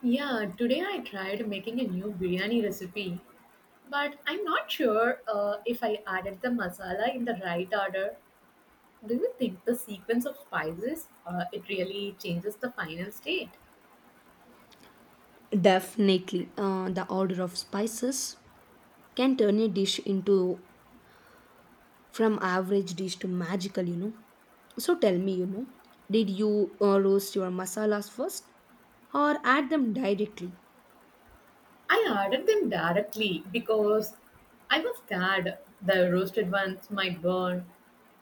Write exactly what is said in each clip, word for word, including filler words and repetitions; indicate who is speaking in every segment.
Speaker 1: Yeah, today I tried making a new biryani recipe, but I'm not sure uh, if I added the masala in the right order. Do you think the sequence of spices uh, it really changes the final state?
Speaker 2: Definitely, uh, the order of spices can turn a dish into from average dish to magical, you know. So tell me, you know, did you uh, roast your masalas first or add them directly?
Speaker 1: I added them directly because I was scared the roasted ones might burn.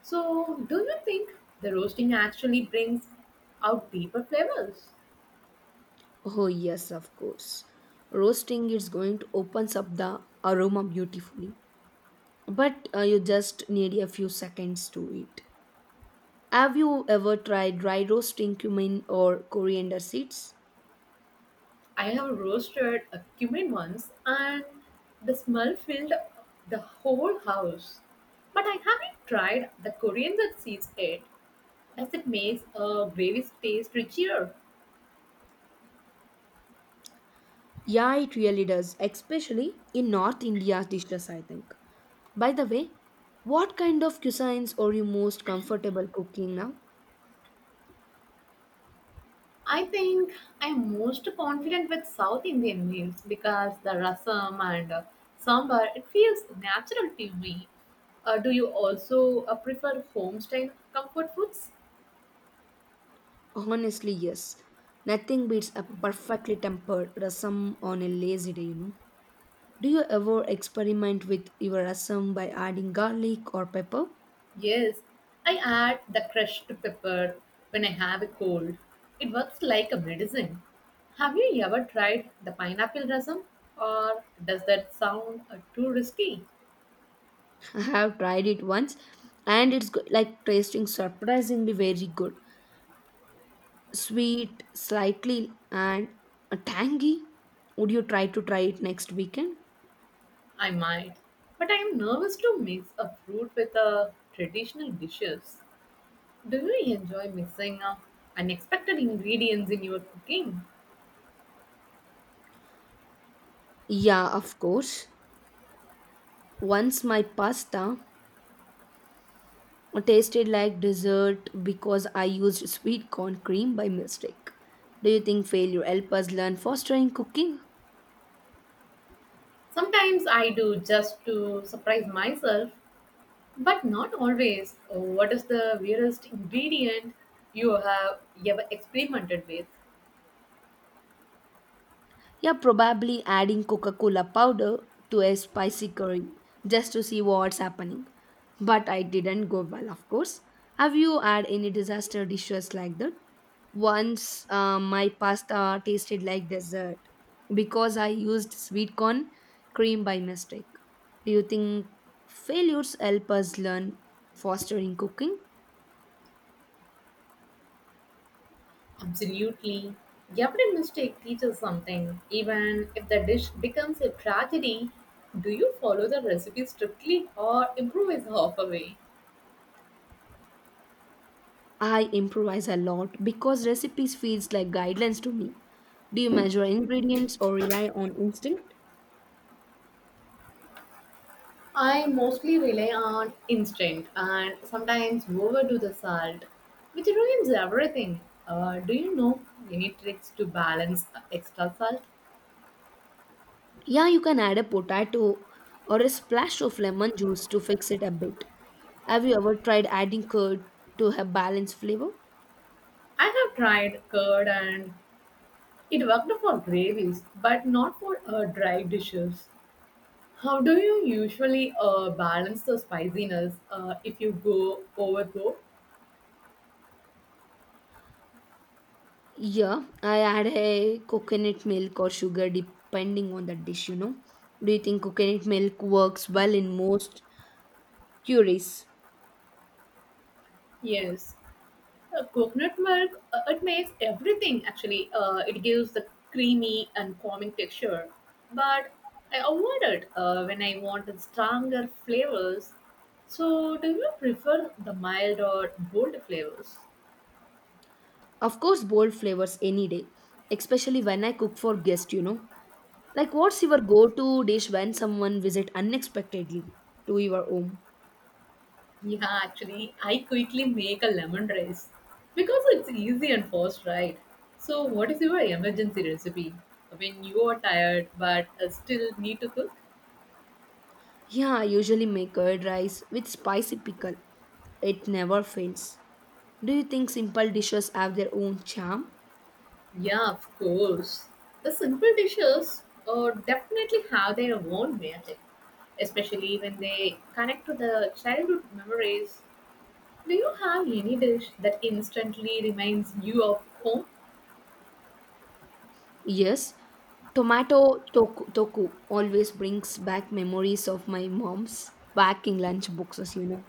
Speaker 1: So, do you think the roasting actually brings out deeper flavors?
Speaker 2: Oh, yes, of course. Roasting is going to opens up the aroma beautifully, but uh, you just need a few seconds to it. Have you ever tried dry roasting cumin or coriander seeds?
Speaker 1: I have roasted a cumin once and the smell filled the whole house. But I haven't tried the Korean that sees it. Does it make a gravy taste richer?
Speaker 2: Yeah, it really does, especially in North India dishes, I think. By the way, what kind of cuisines are you most comfortable cooking now?
Speaker 1: I think I'm most confident with South Indian meals because the rasam and uh, sambar it feels natural to me. Uh, do you also uh, prefer home style comfort foods?
Speaker 2: Honestly, yes. Nothing beats a perfectly tempered rasam on a lazy day, you know. Do you ever experiment with your rasam by adding garlic or pepper?
Speaker 1: Yes, I add the crushed pepper when I have a cold. It works like a medicine. Have you ever tried the pineapple rasam? Or does that sound uh, too risky?
Speaker 2: I have tried it once and it's go- like tasting surprisingly very good. Sweet, slightly, and uh, tangy. Would you try to try it next weekend?
Speaker 1: I might, but I am nervous to mix a fruit with a traditional dishes. Do you enjoy mixing uh, unexpected ingredients in your cooking?
Speaker 2: Yeah, of course. Once my pasta tasted like dessert because I used sweet corn cream by mistake. Do you think failure help us learn fostering cooking?
Speaker 1: Sometimes I do just to surprise myself. But not always. Uh, What is the weirdest ingredient you have ever experimented with?
Speaker 2: Yeah, probably adding Coca Cola powder to a spicy curry just to see what's happening. But I didn't go well, of course. Have you had any disaster dishes like that? Once uh, my pasta tasted like dessert because I used sweet corn cream by mistake. Do you think failures help us learn faster in cooking?
Speaker 1: Absolutely. Every mistake teaches something. Even if the dish becomes a tragedy, do you follow the recipe strictly or improvise halfway?
Speaker 2: I improvise a lot because recipes feels like guidelines to me. Do you measure ingredients or rely on instinct?
Speaker 1: I mostly rely on instinct and sometimes overdo the salt, which ruins everything. Uh, do you know any tricks to balance extra salt?
Speaker 2: Yeah, you can add a potato or a splash of lemon juice to fix it a bit. Have you ever tried adding curd to have balanced flavor?
Speaker 1: I have tried curd and it worked for gravies, but not for uh, dry dishes. How do you usually uh, balance the spiciness uh, if you go overboard?
Speaker 2: Yeah, I add a coconut milk or sugar depending on the dish, you know. Do you think coconut milk works well in most curries?
Speaker 1: Yes, uh, coconut milk uh, it makes everything actually. Uh, it gives the creamy and calming texture, but I avoid it uh, when I want the stronger flavors. So, do you prefer the mild or bold flavors?
Speaker 2: Of course, bold flavors any day, especially when I cook for guests, you know. Like, what's your go-to dish when someone visit unexpectedly to your home?
Speaker 1: Yeah, actually, I quickly make a lemon rice because it's easy and fast, right? So, what is your emergency recipe when you are tired but uh, still need to cook?
Speaker 2: Yeah, I usually make curd rice with spicy pickle. It never fails. Do you think simple dishes have their own charm?
Speaker 1: Yeah, of course. The simple dishes uh, definitely have their own magic, especially when they connect to the childhood memories. Do you have any dish that instantly reminds you of home?
Speaker 2: Yes. Tomato toku, toku always brings back memories of my mom's packing lunch boxes, you know.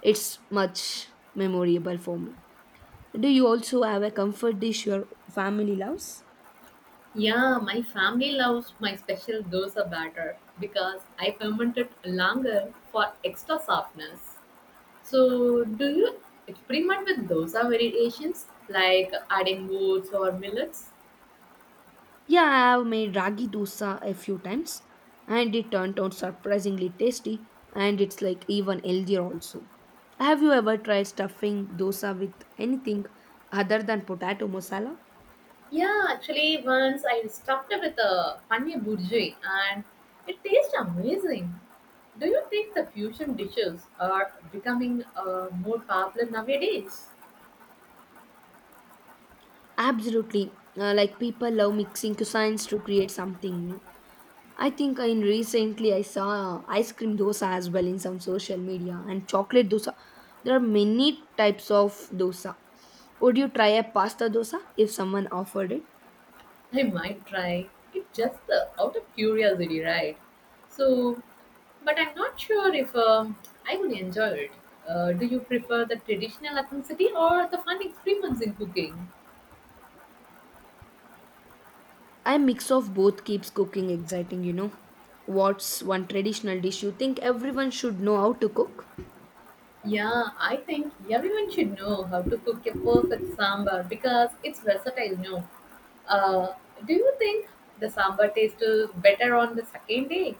Speaker 2: It's much memorable for me. Do you also have a comfort dish your family loves?
Speaker 1: Yeah, my family loves my special dosa batter because I ferment it longer for extra softness. So, do you experiment with dosa variations like adding oats or millets?
Speaker 2: Yeah, I have made ragi dosa a few times and it turned out surprisingly tasty and it's like even healthier also. Have you ever tried stuffing dosa with anything other than potato masala?
Speaker 1: Yeah, actually, once I stuffed it with a paneer burji and it tastes amazing. Do you think the fusion dishes are becoming uh, more popular nowadays?
Speaker 2: Absolutely. Uh, like people love mixing cuisines to create something new. I think in recently I saw ice cream dosa as well in some social media and chocolate dosa. There are many types of dosa. Would you try a pasta dosa if someone offered it?
Speaker 1: I might try it just uh, out of curiosity, right? So, but I'm not sure if um, I would enjoy it. Uh, do you prefer the traditional ethnicity or the fun experiments in cooking?
Speaker 2: A mix of both keeps cooking exciting, you know. What's one traditional dish you think everyone should know how to cook?
Speaker 1: Yeah, I think everyone should know how to cook a perfect sambar because it's versatile, no? Uh, do you think the sambar tastes uh, better on the second day?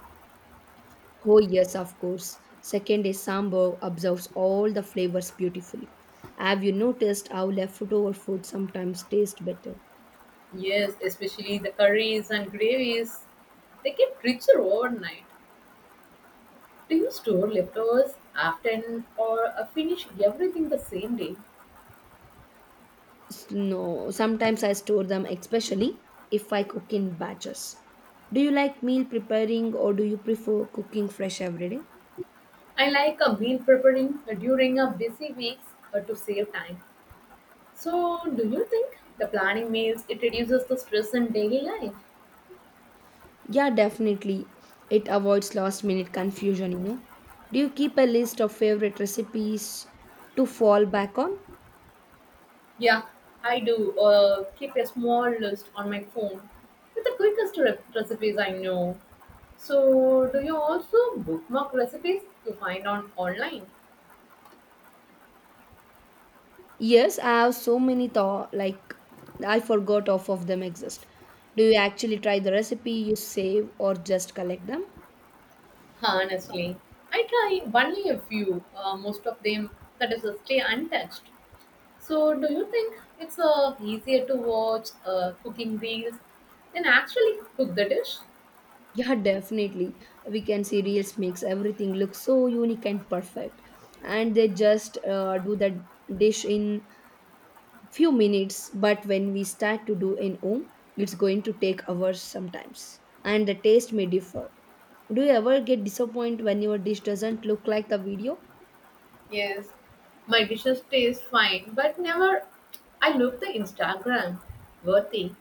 Speaker 2: Oh, yes, of course. Second is sambar absorbs all the flavors beautifully. Have you noticed how leftover food sometimes tastes better?
Speaker 1: Yes, especially the curries and gravies. They get richer overnight. Do you store leftovers often or uh, finish everything the same day?
Speaker 2: S- No, sometimes I store them, especially if I cook in batches. Do you like meal preparing or do you prefer cooking fresh every day?
Speaker 1: I like a meal preparing uh, during a busy weeks uh, to save time. So, do you think the planning meals it reduces the stress in daily life?
Speaker 2: Yeah, definitely. It avoids last minute confusion, you know. Do you keep a list of favorite recipes to fall back on?
Speaker 1: Yeah, I do. Uh, keep a small list on my phone with the quickest re- recipes I know. So, do you also bookmark recipes you find on online?
Speaker 2: Yes, I have so many thought like I forgot off of them exist. Do you actually try the recipe you save or just collect them?
Speaker 1: Honestly, I try only a few, uh, most of them that is uh, stay untouched. So, do you think it's uh, easier to watch uh, cooking reels than actually cook the dish?
Speaker 2: Yeah, definitely. We can see Reels makes everything look so unique and perfect. And they just uh, do that dish in few minutes but when we start to do in home it's going to take hours sometimes and the taste may differ. Do you ever get disappointed when your dish doesn't look like the video?
Speaker 1: Yes, my dishes taste fine, but never I look the Instagram worthy.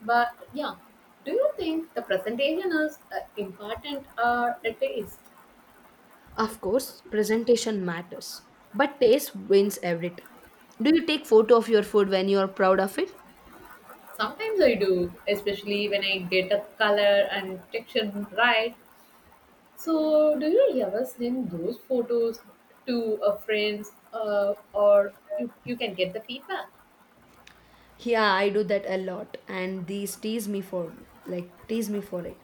Speaker 1: But yeah, do you think the presentation is uh, important or a taste?
Speaker 2: Of course presentation matters but taste wins every time. Do you take photo of your food when you are proud of it?
Speaker 1: Sometimes I do, especially when I get a color and texture right. So, do you ever send those photos to a friends, uh, or you, you can get the feedback?
Speaker 2: Yeah, I do that a lot and these tease me for like tease me for it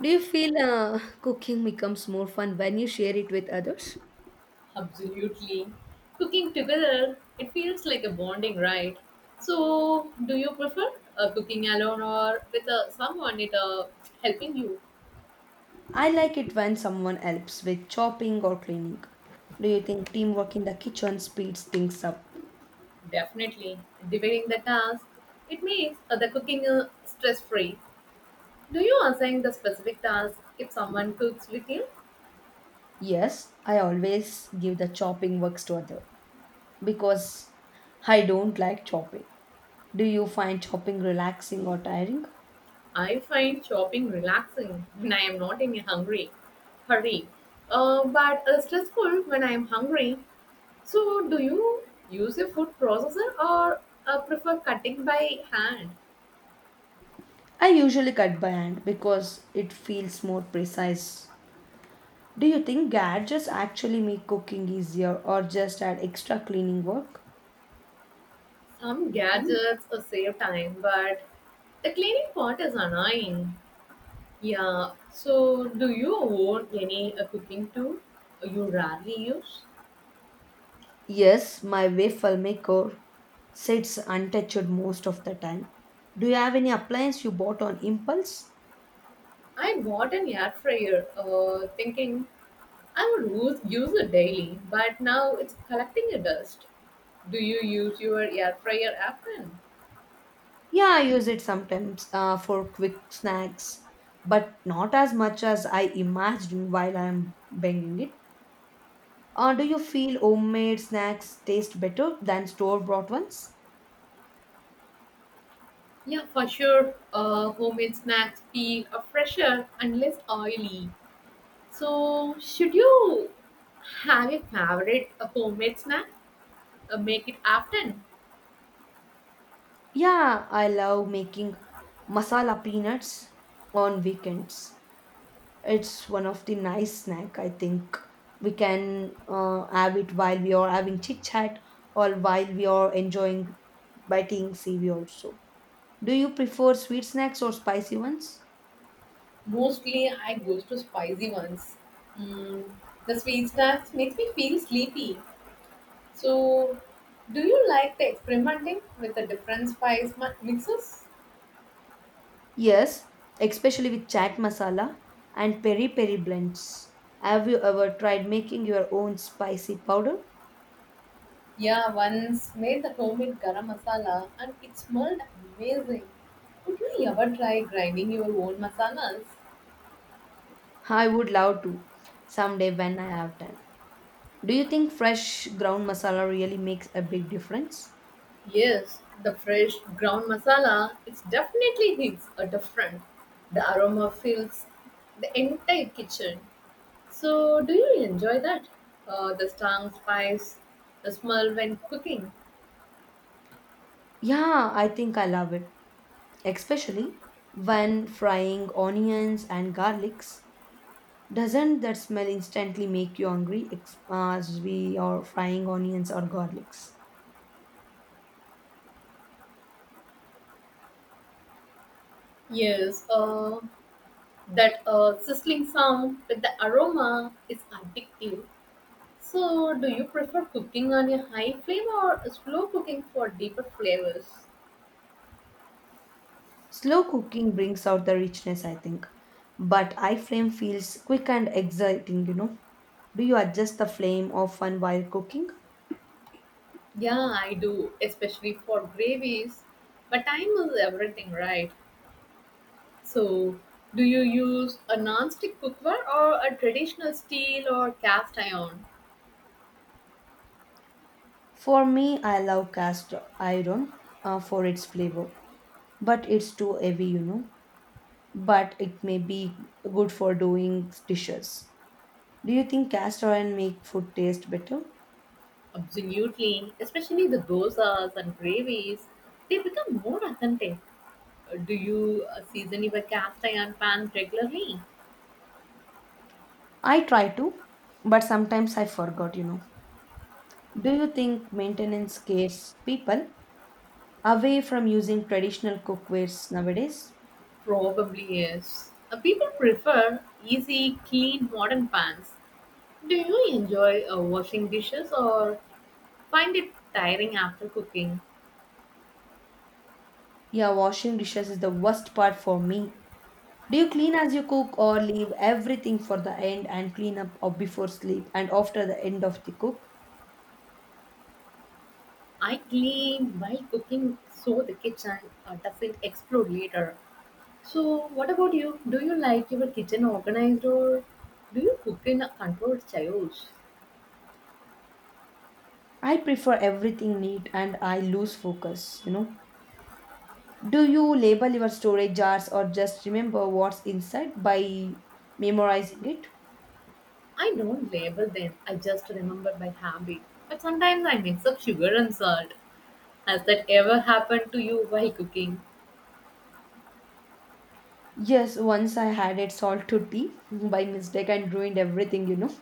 Speaker 2: Do you feel uh, cooking becomes more fun when you share it with others?
Speaker 1: Absolutely. Cooking together, it feels like a bonding, right? So, do you prefer uh, cooking alone or with uh, someone it uh, helping you?
Speaker 2: I like it when someone helps with chopping or cleaning. Do you think teamwork in the kitchen speeds things up?
Speaker 1: Definitely. Dividing the task, it makes uh, the cooking uh, stress free. Do you assign the specific task if someone cooks with you?
Speaker 2: Yes, I always give the chopping works to other because I don't like chopping. Do you find chopping relaxing or tiring?
Speaker 1: I find shopping relaxing when I am not in a hungry hurry, uh, but uh, stressful when I am hungry. So, do you use a food processor or uh, prefer cutting by hand?
Speaker 2: I usually cut by hand because it feels more precise. Do you think gadgets actually make cooking easier or just add extra cleaning work?
Speaker 1: Some gadgets uh, save time, but the cleaning part is annoying. Yeah. So, do you own any uh, cooking tool you rarely use?
Speaker 2: Yes, my wave filmmaker sits untouched most of the time. Do you have any appliance you bought on impulse?
Speaker 1: I bought an air fryer, uh, thinking I would use, use it daily, but now it's collecting a dust. Do you use your air fryer often?
Speaker 2: Yeah, I use it sometimes uh, for quick snacks, but not as much as I imagined while I'm banging it. Uh, do you feel homemade snacks taste better than store bought ones?
Speaker 1: Yeah, for sure. Uh, homemade snacks feel uh, fresher and less oily. So, should you have a favorite uh, homemade snack? Uh, make it often.
Speaker 2: Yeah, I love making masala peanuts on weekends. It's one of the nice snack. I think we can uh, have it while we are having chit chat or while we are enjoying biting seaweed also. Do you prefer sweet snacks or spicy ones?
Speaker 1: Mostly I go to spicy ones. Mm, the sweet snacks makes me feel sleepy. So, do you like the experimenting with the different spice mu- mixes?
Speaker 2: Yes, especially with chaat masala and peri peri blends. Have you ever tried making your own spicy powder?
Speaker 1: Yeah, once made the homemade garam masala and it smelled amazing. Would you ever try grinding your own masalas?
Speaker 2: I would love to someday when I have time. Do you think fresh ground masala really makes a big difference?
Speaker 1: Yes, the fresh ground masala it's definitely hits a different. The aroma fills the entire kitchen. So, do you enjoy that? Uh, the strong spice, the smell when cooking.
Speaker 2: Yeah, I think I love it, especially when frying onions and garlics. Doesn't that smell instantly make you hungry ex- as we are frying onions or garlics?
Speaker 1: Yes, uh, that uh, sizzling sound with the aroma is addictive. So, do you prefer cooking on a high flame or slow cooking for deeper flavors?
Speaker 2: Slow cooking brings out the richness, I think, but high flame feels quick and exciting, you know. Do you adjust the flame often while cooking?
Speaker 1: Yeah, I do, especially for gravies. But time is everything, right? So, do you use a non-stick cookware or a traditional steel or cast iron?
Speaker 2: For me, I love cast iron uh, for its flavor, but it's too heavy, you know. But it may be good for doing dishes. Do you think castor oil make food taste better?
Speaker 1: Absolutely, especially the dosas and gravies. They become more authentic. Uh, Do you uh, season your cast iron pan regularly?
Speaker 2: I try to, but sometimes I forgot, you know. Do you think maintenance scares people away from using traditional cookwares nowadays?
Speaker 1: Probably is. Uh, People prefer easy, clean, modern pans. Do you enjoy uh, washing dishes or find it tiring after cooking?
Speaker 2: Yeah, washing dishes is the worst part for me. Do you clean as you cook or leave everything for the end and clean up or before sleep and after the end of the cook?
Speaker 1: I clean while cooking so the kitchen uh, doesn't explode later. So, what about you? Do you like your kitchen organized or do you cook in a controlled chaos?
Speaker 2: I prefer everything neat and I lose focus, you know. Do you label your storage jars or just remember what's inside by memorizing it?
Speaker 1: I don't label them, I just remember by habit. But sometimes I mix up sugar and salt. Has that ever happened to you while cooking?
Speaker 2: Yes, once I had it salt to tea by mistake and ruined everything, you know.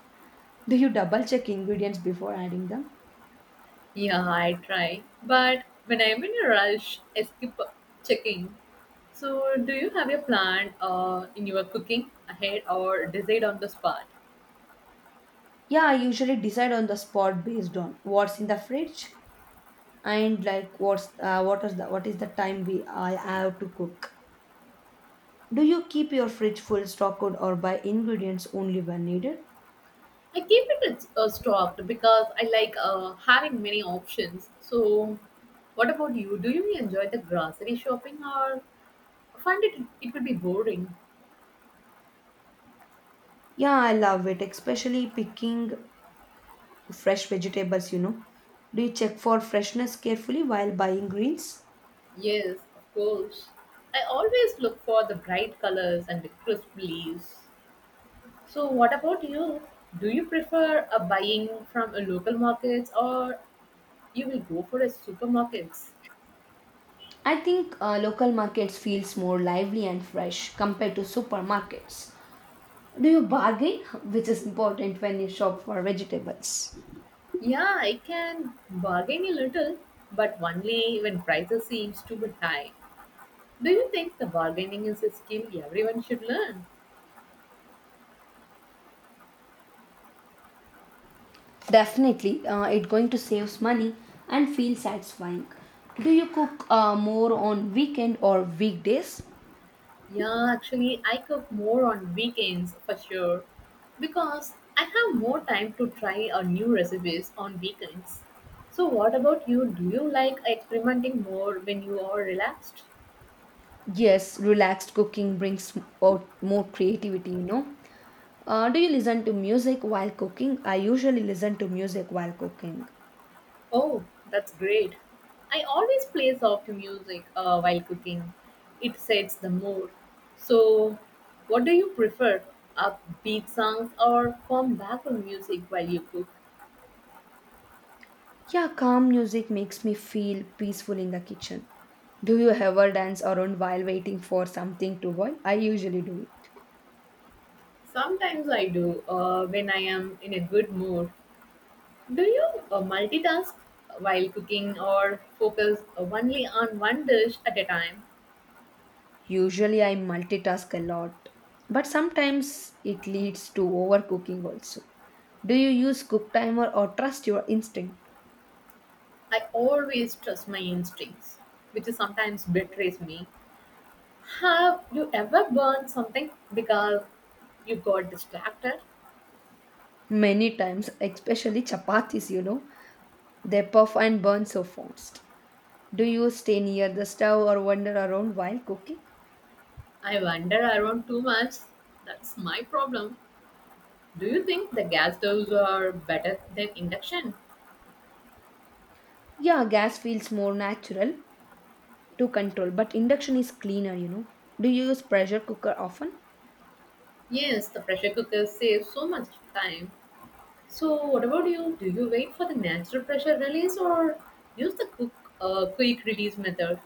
Speaker 2: Do you double check ingredients before adding them?
Speaker 1: Yeah, I try. But when I'm in a rush, I skip checking. So, do you have a plan uh, in your cooking ahead or decide on the spot?
Speaker 2: Yeah, I usually decide on the spot based on what's in the fridge and like what's uh, what is the what is the time we I have to cook. Do you keep your fridge full stocked or buy ingredients only when needed?
Speaker 1: I keep it uh, stocked because I like uh, having many options. So, what about you? Do you enjoy the grocery shopping or find it it will be boring?
Speaker 2: Yeah, I love it, especially picking fresh vegetables, you know. Do you check for freshness carefully while buying greens?
Speaker 1: Yes, of course. I always look for the bright colors and the crisp leaves. So, what about you? Do you prefer a buying from a local markets or you will go for a supermarkets?
Speaker 2: I think uh, local markets feels more lively and fresh compared to supermarkets. Do you bargain, which is important when you shop for vegetables?
Speaker 1: Yeah, I can bargain a little, but only when prices seems too bit high. Do you think the bargaining is a skill everyone should learn?
Speaker 2: Definitely, uh, it going to saves money and feel satisfying. Do you cook uh, more on weekend or weekdays?
Speaker 1: Yeah, actually, I cook more on weekends for sure because I have more time to try our new recipes on weekends. So, what about you? Do you like experimenting more when you are relaxed?
Speaker 2: Yes, relaxed cooking brings m- out more creativity, you know. Uh, do you listen to music while cooking? I usually listen to music while cooking.
Speaker 1: Oh, that's great. I always play soft music uh, while cooking. It sets the mood. So, what do you prefer? Upbeat songs or calm background music while you cook?
Speaker 2: Yeah, calm music makes me feel peaceful in the kitchen. Do you ever dance around while waiting for something to boil? I usually do it.
Speaker 1: Sometimes I do uh, when I am in a good mood. Do you uh, multitask while cooking or focus only on one dish at a time?
Speaker 2: Usually, I multitask a lot, but sometimes it leads to overcooking also. Do you use cook timer or trust your instinct?
Speaker 1: I always trust my instincts, which is sometimes betrays me. Have you ever burned something because you got distracted.
Speaker 2: Many times, especially chapatis, you know. They puff and burn so fast. Do you stay near the stove or wander around while cooking?
Speaker 1: I wander around too much. That's my problem. Do you think the gas stoves are better than induction?
Speaker 2: Yeah, gas feels more natural to control, but induction is cleaner, you know. Do you use pressure cooker often?
Speaker 1: Yes, the pressure cooker saves so much time. So, what about you? Do you wait for the natural pressure release or use the cook, uh, quick release method?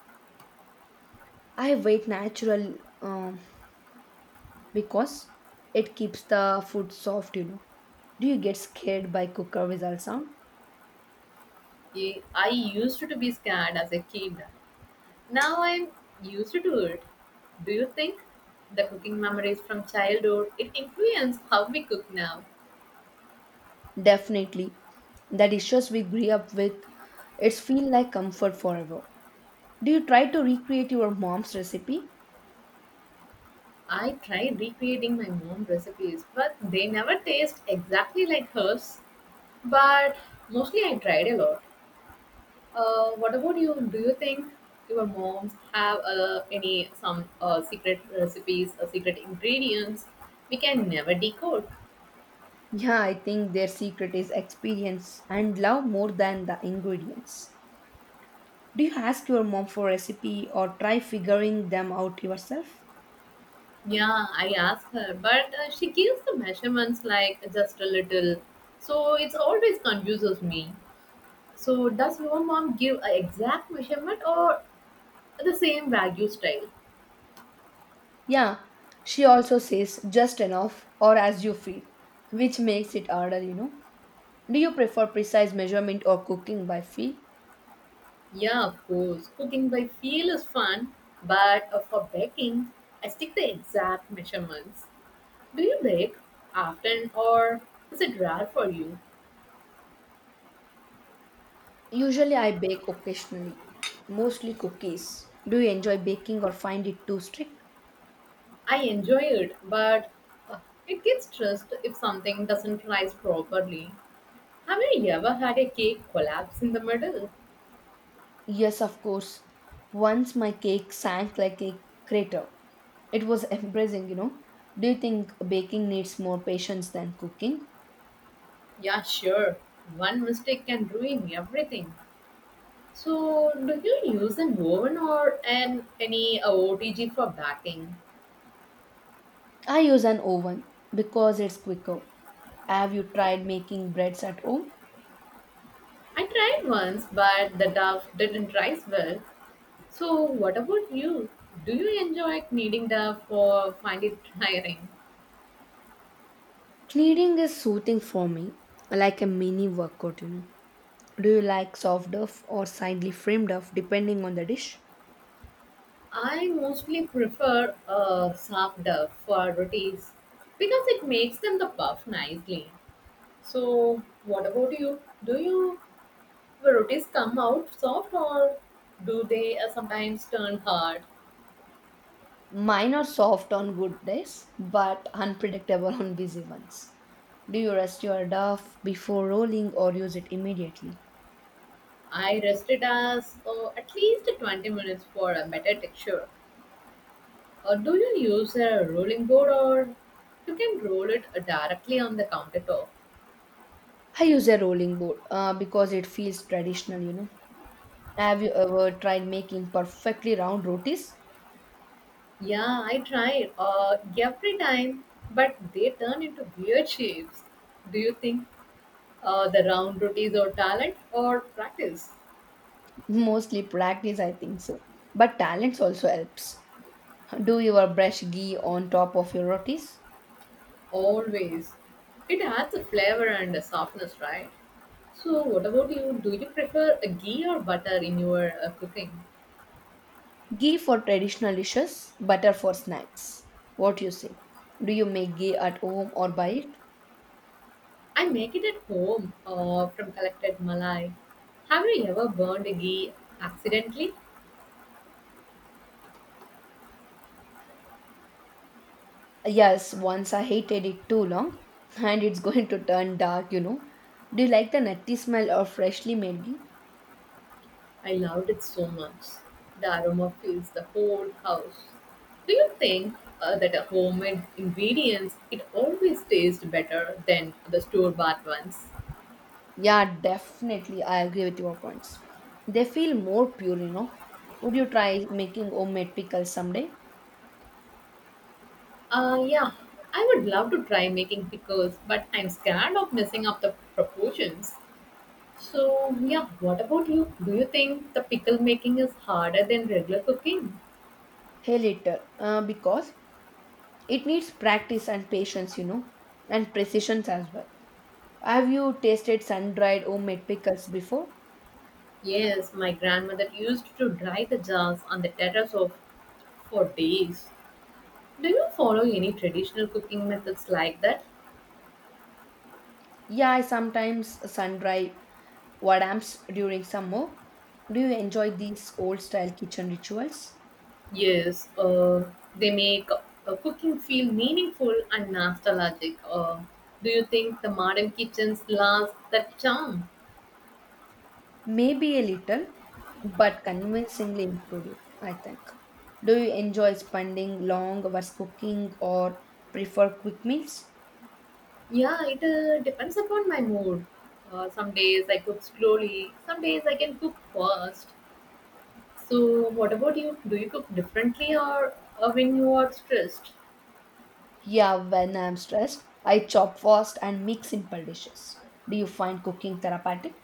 Speaker 2: I wait natural um, because it keeps the food soft, you know. Do you get scared by cooker whistle sound?
Speaker 1: I I used to be scared as a kid. Now I'm used to it. Do you think the cooking memories from childhood it influence how we cook now?
Speaker 2: Definitely. The dishes we grew up with, it's feel like comfort forever. Do you try to recreate your mom's recipe?
Speaker 1: I tried recreating my mom recipes, but they never taste exactly like hers. But mostly I tried a lot. Uh, what about you? Do you think your moms have uh, any some uh, secret recipes or secret ingredients we can never decode?
Speaker 2: Yeah, I think their secret is experience and love more than the ingredients. Do you ask your mom for recipe or try figuring them out yourself?
Speaker 1: Yeah, I asked her, but uh, she gives the measurements like just a little, so it's always confuses me. So does your mom give an exact measurement or the same value style?
Speaker 2: Yeah, she also says just enough or as you feel, which makes it harder, you know. Do you prefer precise measurement or cooking by feel?
Speaker 1: Yeah, of course. Cooking by feel is fun, but uh, for baking, I stick the exact measurements. Do you bake often or is it rare for you?
Speaker 2: Usually I bake occasionally, mostly cookies. Do you enjoy baking or find it too strict?
Speaker 1: I enjoy it, but uh, it gets stressed if something doesn't rise properly. Have you ever had a cake collapse in the middle?
Speaker 2: Yes, of course. Once my cake sank like a crater. It was embarrassing, you know. Do you think baking needs more patience than cooking?
Speaker 1: Yeah, sure. One mistake can ruin everything. So, do you use an oven or an any uh, O T G for baking?
Speaker 2: I use an oven because it's quicker. Have you tried making breads at home?
Speaker 1: I tried once, but the dough didn't rise well. So, what about you? Do you enjoy kneading dough or find it tiring?
Speaker 2: Kneading is soothing for me, like a mini workout, you know. Do you like soft duff or slightly framed duff depending on the dish?
Speaker 1: I mostly prefer a soft dough for rotis because it makes them the puff nicely. So, what about you? Do you the rotis come out soft or do they uh, sometimes turn hard?
Speaker 2: Mine are soft on good days, but unpredictable on busy ones. Do you rest your duff before rolling or use it immediately?
Speaker 1: I rest it as uh, at least twenty minutes for a better texture. Uh, do you use a rolling board or you can roll it uh, directly on the countertop?
Speaker 2: I use a rolling board uh, because it feels traditional, you know. Have you ever tried making perfectly round rotis?
Speaker 1: Yeah, I tried uh, every time, but they turn into weird shapes. Do you think uh, the round rotis or talent or practice?
Speaker 2: Mostly practice, I think so. But talents also helps. Do you ever brush ghee on top of your rotis?
Speaker 1: Always. It adds a flavor and a softness, right? So, what about you? Do you prefer a ghee or butter in your uh, cooking?
Speaker 2: Ghee for traditional dishes, butter for snacks. What you say? Do you make ghee at home or buy it?
Speaker 1: I make it at home uh, from collected malai. Have you ever burned a ghee accidentally?
Speaker 2: Yes, once I hated it too long, and it's going to turn dark, you know. Do you like the nutty smell of freshly made ghee?
Speaker 1: I loved it so much. The aroma fills the whole house. Do you think uh, that a homemade ingredients it always tastes better than the store bought ones?
Speaker 2: Yeah, definitely. I agree with your points. They feel more pure, you know. Would you try making homemade pickles someday?
Speaker 1: Uh, yeah, I would love to try making pickles, but I'm scared of messing up the proportions. So yeah, what about you? Do you think the pickle making is harder than regular cooking?
Speaker 2: Hey, later. Uh, uh, because it needs practice and patience, you know, and precision as well. Have you tasted sun dried homemade pickles before?
Speaker 1: Yes, my grandmother used to dry the jars on the terrace of for days. Do you follow any traditional cooking methods like that?
Speaker 2: Yeah, I sometimes sun dry vadams during summer. Do you enjoy these old style kitchen rituals?
Speaker 1: Yes, uh, they make uh, cooking feel meaningful and nostalgic. Uh, do you think the modern kitchens lost that charm?
Speaker 2: Maybe a little, but convincingly improved, you, I think. Do you enjoy spending long hours cooking or prefer quick meals?
Speaker 1: Yeah, it uh, depends upon my mood. Uh, some days I cook slowly, some days I can cook fast. So, what about you? Do you cook differently or uh, when you are stressed?
Speaker 2: Yeah, when I'm stressed, I chop fast and make simple dishes. Do you find cooking therapeutic?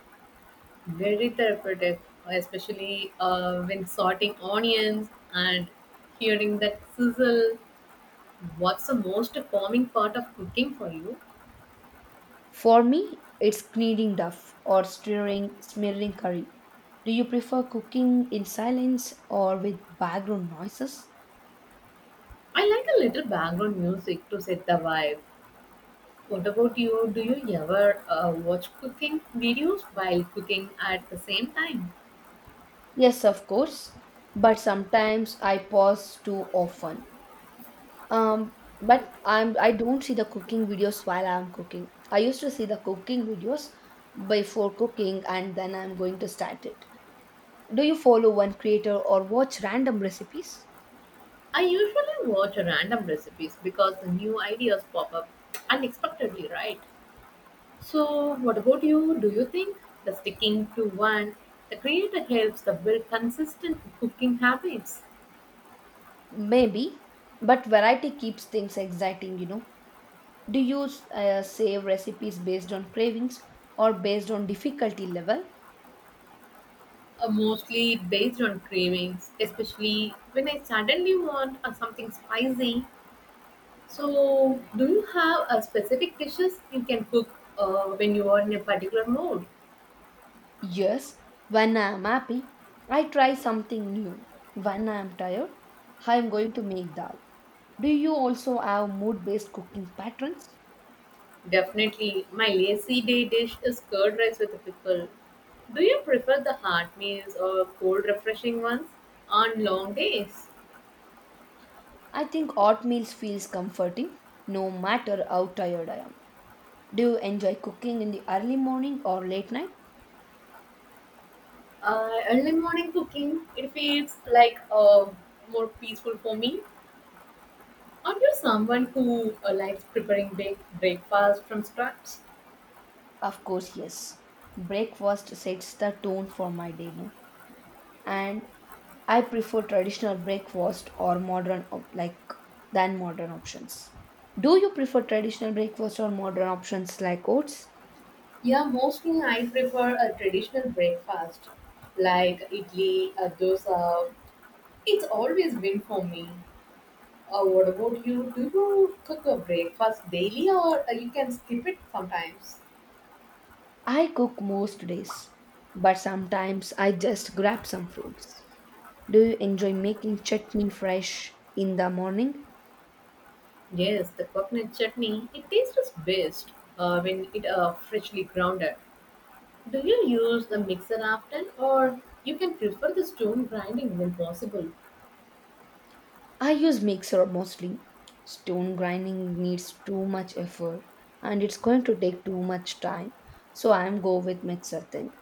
Speaker 1: Very therapeutic, especially uh, when sorting onions and hearing that sizzle. What's the most calming part of cooking for you?
Speaker 2: For me, it's kneading duff or stirring, smearing curry. Do you prefer cooking in silence or with background noises?
Speaker 1: I like a little background music to set the vibe. What about you? Do you ever uh, watch cooking videos while cooking at the same time?
Speaker 2: Yes, of course, but sometimes I pause too often. Um, but I'm I don't see the cooking videos while I'm cooking. I used to see the cooking videos before cooking, and then I'm going to start it. Do you follow one creator or watch random recipes?
Speaker 1: I usually watch random recipes because the new ideas pop up unexpectedly, right? So, what about you? Do you think the sticking to one, the creator helps the build consistent cooking habits?
Speaker 2: Maybe, but variety keeps things exciting, you know. Do you uh, save recipes based on cravings or based on difficulty level?
Speaker 1: Uh, mostly based on cravings, especially when I suddenly want uh, something spicy. So, do you have a specific dishes you can cook uh, when you are in a particular mood?
Speaker 2: Yes, when I am happy, I try something new. When I am tired, I am going to make dal. Do you also have mood based cooking patterns?
Speaker 1: Definitely, my lazy day dish is curd rice with a pickle. Do you prefer the hot meals or cold, refreshing ones on long days?
Speaker 2: I think oatmeal feels comforting no matter how tired I am. Do you enjoy cooking in the early morning or late night?
Speaker 1: Uh, early morning cooking, it feels like uh, more peaceful for me. Aren't you someone who uh, likes preparing big breakfast from scratch?
Speaker 2: Of course, yes. Breakfast sets the tone for my day, no? And I prefer traditional breakfast or modern op- like than modern options. Do you prefer traditional breakfast or modern options like oats?
Speaker 1: Yeah, mostly I prefer a traditional breakfast like idli, uh, dosa. It's always been for me. Uh, what about you? Do you cook a breakfast daily or uh, you can skip it sometimes?
Speaker 2: I cook most days, but sometimes I just grab some fruits. Do you enjoy making chutney fresh in the morning?
Speaker 1: Yes, the coconut chutney, it tastes best uh, when it uh, freshly grounded. Do you use the mixer often, or you can prefer the stone grinding when possible?
Speaker 2: I use mixer mostly. Stone grinding needs too much effort and it's going to take too much time. So I'm go with mixer thing.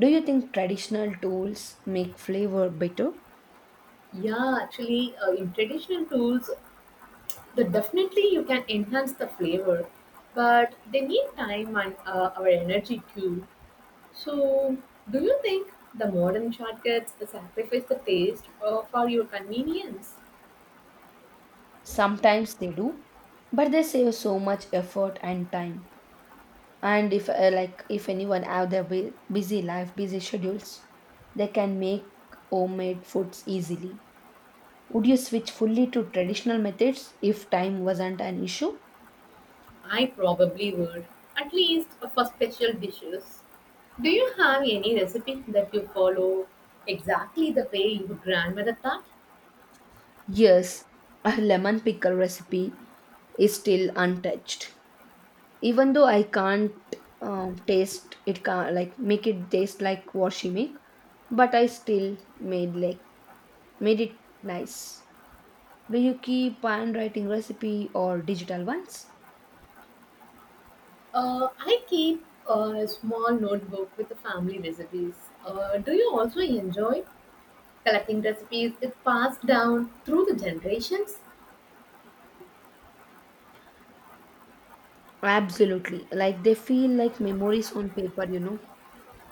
Speaker 2: Do you think traditional tools make flavor better?
Speaker 1: Yeah, actually, uh, in traditional tools, the definitely you can enhance the flavor, but they need time and uh, our energy too. So, do you think the modern shortcuts sacrifice the taste uh, for your convenience?
Speaker 2: Sometimes they do, but they save so much effort and time. And if uh, like if anyone have their bu- busy life, busy schedules, they can make homemade foods easily. Would you switch fully to traditional methods if time wasn't an issue?
Speaker 1: I probably would, at least uh, for special dishes. Do you have any recipe that you follow exactly the way your grandmother taught?
Speaker 2: Yes, our lemon pickle recipe is still untouched. Even though I can't um, taste it, can like make it taste like what she make, but I still made like made it nice. Do you keep handwriting recipe or digital ones?
Speaker 1: Uh, I keep a small notebook with the family recipes. Uh, do you also enjoy collecting recipes? It's passed down through the generations.
Speaker 2: Absolutely, like they feel like memories on paper. You know.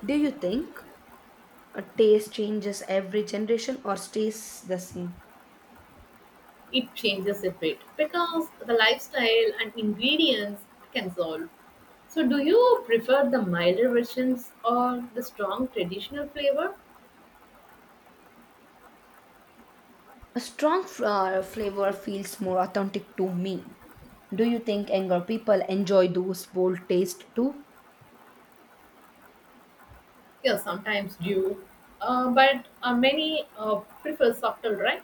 Speaker 2: Do you think a taste changes every generation or stays the same?
Speaker 1: It changes a bit because the lifestyle and ingredients can solve. So, do you prefer the milder versions or the strong traditional flavor?
Speaker 2: A strong f- uh, flavor feels more authentic to me. Do you think younger people enjoy those bold taste too?
Speaker 1: Yeah, sometimes due, uh, but uh, many uh, prefer subtle, right?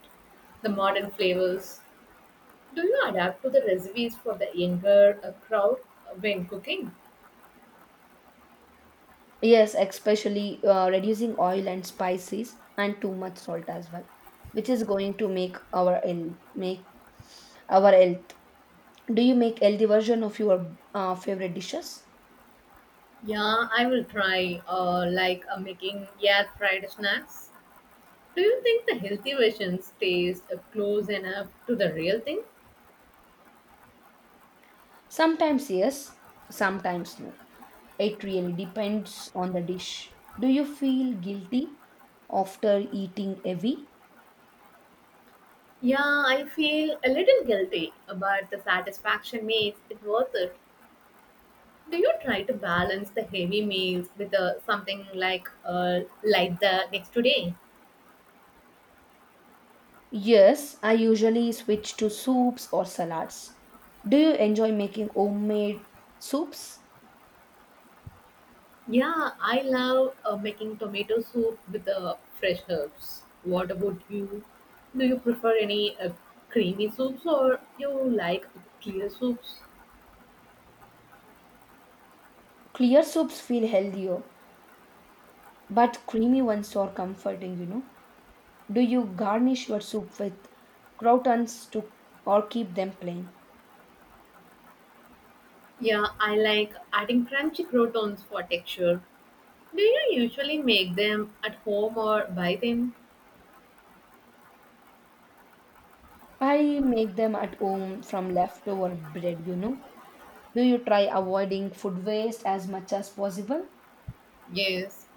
Speaker 1: The modern flavors. Do you adapt to the recipes for the younger uh, crowd when cooking?
Speaker 2: Yes, especially uh, reducing oil and spices and too much salt as well, which is going to make our ill make our health. Do you make healthy version of your uh, favorite dishes?
Speaker 1: Yeah, I will try uh, like uh, making air fried snacks. Do you think the healthy versions taste uh, close enough to the real thing?
Speaker 2: Sometimes yes, sometimes no. It really depends on the dish. Do you feel guilty after eating heavy?
Speaker 1: Yeah, I feel a little guilty, but the satisfaction makes it worth it. Do you try to balance the heavy meals with uh, something like uh, like the next day?
Speaker 2: Yes, I usually switch to soups or salads. Do you enjoy making homemade soups?
Speaker 1: Yeah, I love uh, making tomato soup with uh, fresh herbs. What about you? Do you prefer any uh, creamy soups or you like clear soups?
Speaker 2: Clear soups feel healthier, but creamy ones are comforting, you know. Do you garnish your soup with croutons to or keep them plain?
Speaker 1: Yeah, I like adding crunchy croutons for texture. Do you usually make them at home or buy them?
Speaker 2: I make them at home from leftover bread, you know. Do you try avoiding food waste as much as possible?
Speaker 1: Yes,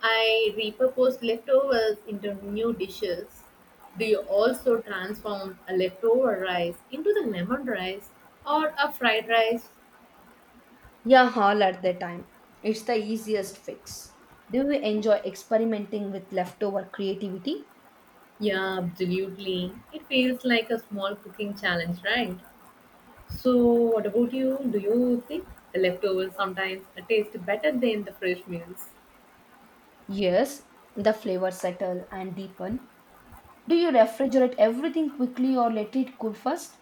Speaker 1: I repurpose leftovers into new dishes. Do you also transform a leftover rice into the lemon rice or a fried rice?
Speaker 2: Yeah, all at the time. It's the easiest fix. Do you enjoy experimenting with leftover creativity?
Speaker 1: Yeah, absolutely. It feels like a small cooking challenge, right? So, what about you? Do you think the leftovers sometimes taste better than the fresh meals?
Speaker 2: Yes, the flavors settle and deepen. Do you refrigerate everything quickly or let it cool first?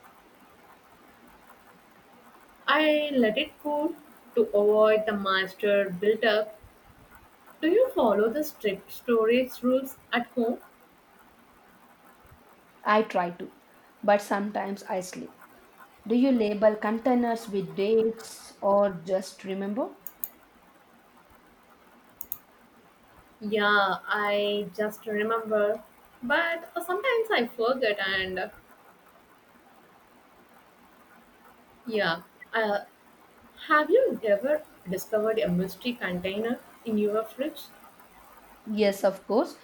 Speaker 1: I let it cool to avoid the moisture built up. Do you follow the strict storage rules at home?
Speaker 2: I try to, but sometimes I slip. Do you label containers with dates or just remember?
Speaker 1: Yeah, I just remember, but uh, sometimes I forget. And uh, yeah, uh, have you ever discovered a mystery container in your fridge?
Speaker 2: Yes, of course.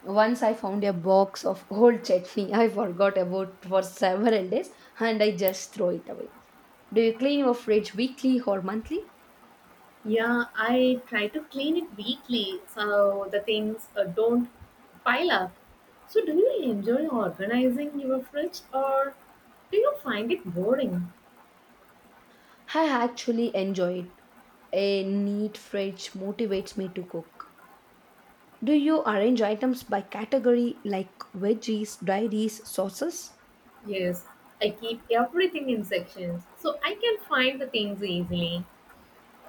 Speaker 2: Once I found a box of old chutney I forgot about for several days and I just throw it away. Do you clean your fridge weekly or monthly?
Speaker 1: Yeah, I try to clean it weekly so the things uh, don't pile up. So, do you enjoy organizing your fridge or do you find it boring?
Speaker 2: I actually enjoy it. A neat fridge motivates me to cook. Do you arrange items by category like veggies, dairies, sauces?
Speaker 1: Yes, I keep everything in sections so I can find the things easily.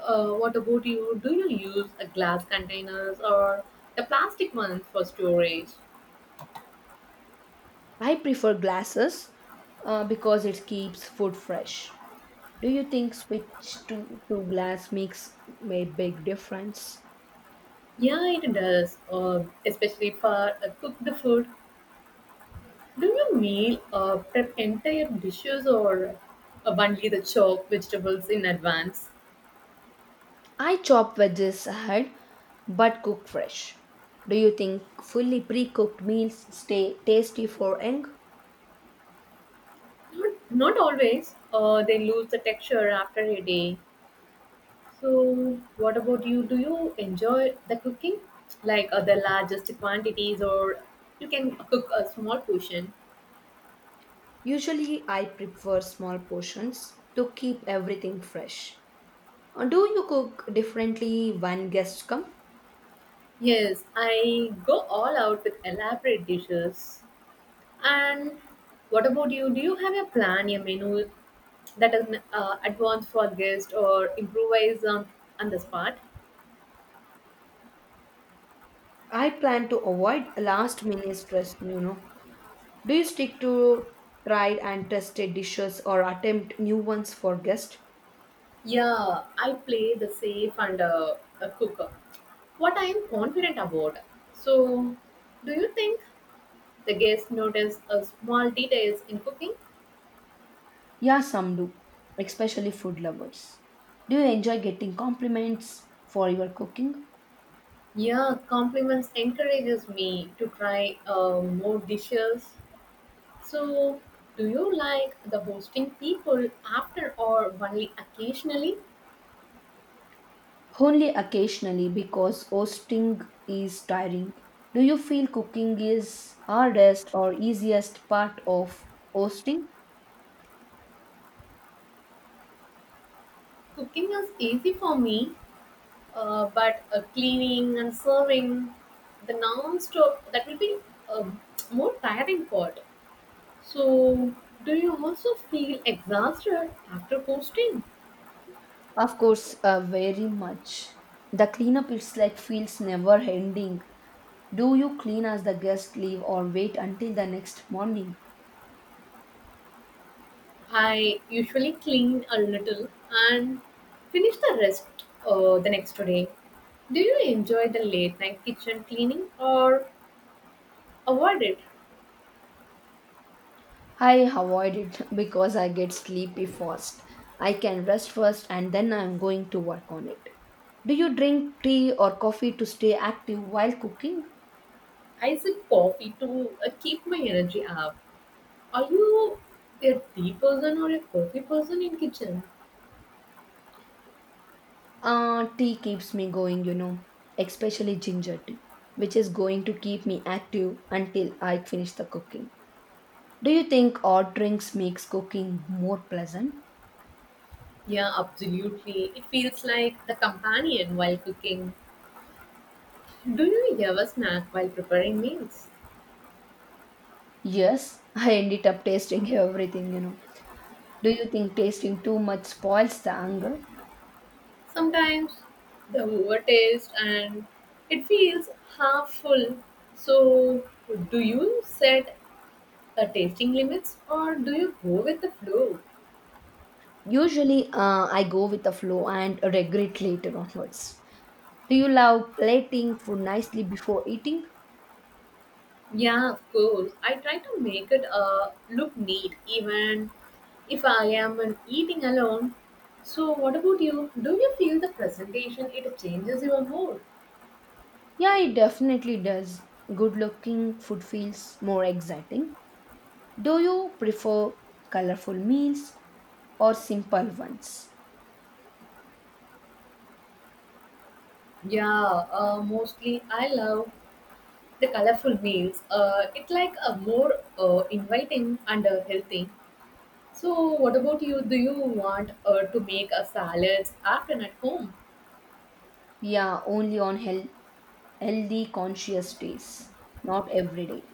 Speaker 1: Uh, what about you? Do you use a glass containers or the plastic ones for storage?
Speaker 2: I prefer glasses uh, because it keeps food fresh. Do you think switch to, to glass makes a big difference?
Speaker 1: Yeah, it does. Uh, especially for uh, cooked food. Do you meal uh, prep entire dishes or uh, only the chopped vegetables in advance?
Speaker 2: I chop veggies ahead but cook fresh. Do you think fully pre cooked meals stay tasty for young?
Speaker 1: Not, not always. Uh, they lose the texture after a day. So, what about you? Do you enjoy the cooking, like uh, the largest quantities, or you can cook a small portion?
Speaker 2: Usually, I prefer small portions to keep everything fresh. Uh, Do you cook differently when guests come?
Speaker 1: Yes, I go all out with elaborate dishes. And what about you? Do you have a plan, a menu that is uh, advanced for guests or improvise on, on the spot?
Speaker 2: I plan to avoid last minute stress, you know. Do you stick to tried and tested dishes or attempt new ones for guests?
Speaker 1: Yeah, I play the safe and uh, a cooker. What I am confident about. So, do you think the guests notice a small details in cooking?
Speaker 2: Yeah, some do, especially food lovers. Do you enjoy getting compliments for your cooking?
Speaker 1: Yeah, compliments encourages me to try uh, more dishes. So, do you like the hosting people after or only occasionally?
Speaker 2: Only occasionally because hosting is tiring. Do you feel cooking is hardest or easiest part of hosting?
Speaker 1: Cooking is easy for me, uh, but uh, cleaning and serving the non-stop that will be a more tiring part. So, do you also feel exhausted after hosting?
Speaker 2: Of course, uh, very much. The cleanup it's like feels never ending. Do you clean as the guests leave or wait until the next morning?
Speaker 1: I usually clean a little and finish the rest uh, the next day. Do you enjoy the late night kitchen cleaning or avoid it?
Speaker 2: I avoid it because I get sleepy fast. I can rest first and then I'm going to work on it. Do you drink tea or coffee to stay active while cooking?
Speaker 1: I sip coffee to uh, keep my energy up. Are you a tea person or a coffee person in kitchen?
Speaker 2: Uh, tea keeps me going, you know, especially ginger tea, which is going to keep me active until I finish the cooking. Do you think odd drinks makes cooking more pleasant?
Speaker 1: Yeah, absolutely. It feels like the companion while cooking. Do you ever snack while preparing meals?
Speaker 2: Yes, I ended up tasting everything, you know. Do you think tasting too much spoils the hunger?
Speaker 1: Sometimes the overtaste and it feels half full. So, do you set a tasting limits or do you go with the flow?
Speaker 2: Usually, uh, I go with the flow and regret later onwards. Do you love plating food nicely before eating?
Speaker 1: Yeah, of course. I try to make it uh, look neat, even if I am an eating alone. So, what about you? Do you feel the presentation it changes your mood?
Speaker 2: Yeah, it definitely does. Good looking food feels more exciting. Do you prefer colorful meals or simple ones?
Speaker 1: Yeah, uh, mostly I love the colorful meals. Uh, it like a more uh, inviting and uh, healthy. So, what about you? Do you want uh, to make a salad after at home?
Speaker 2: Yeah, only on health, healthy, conscious days, not every day.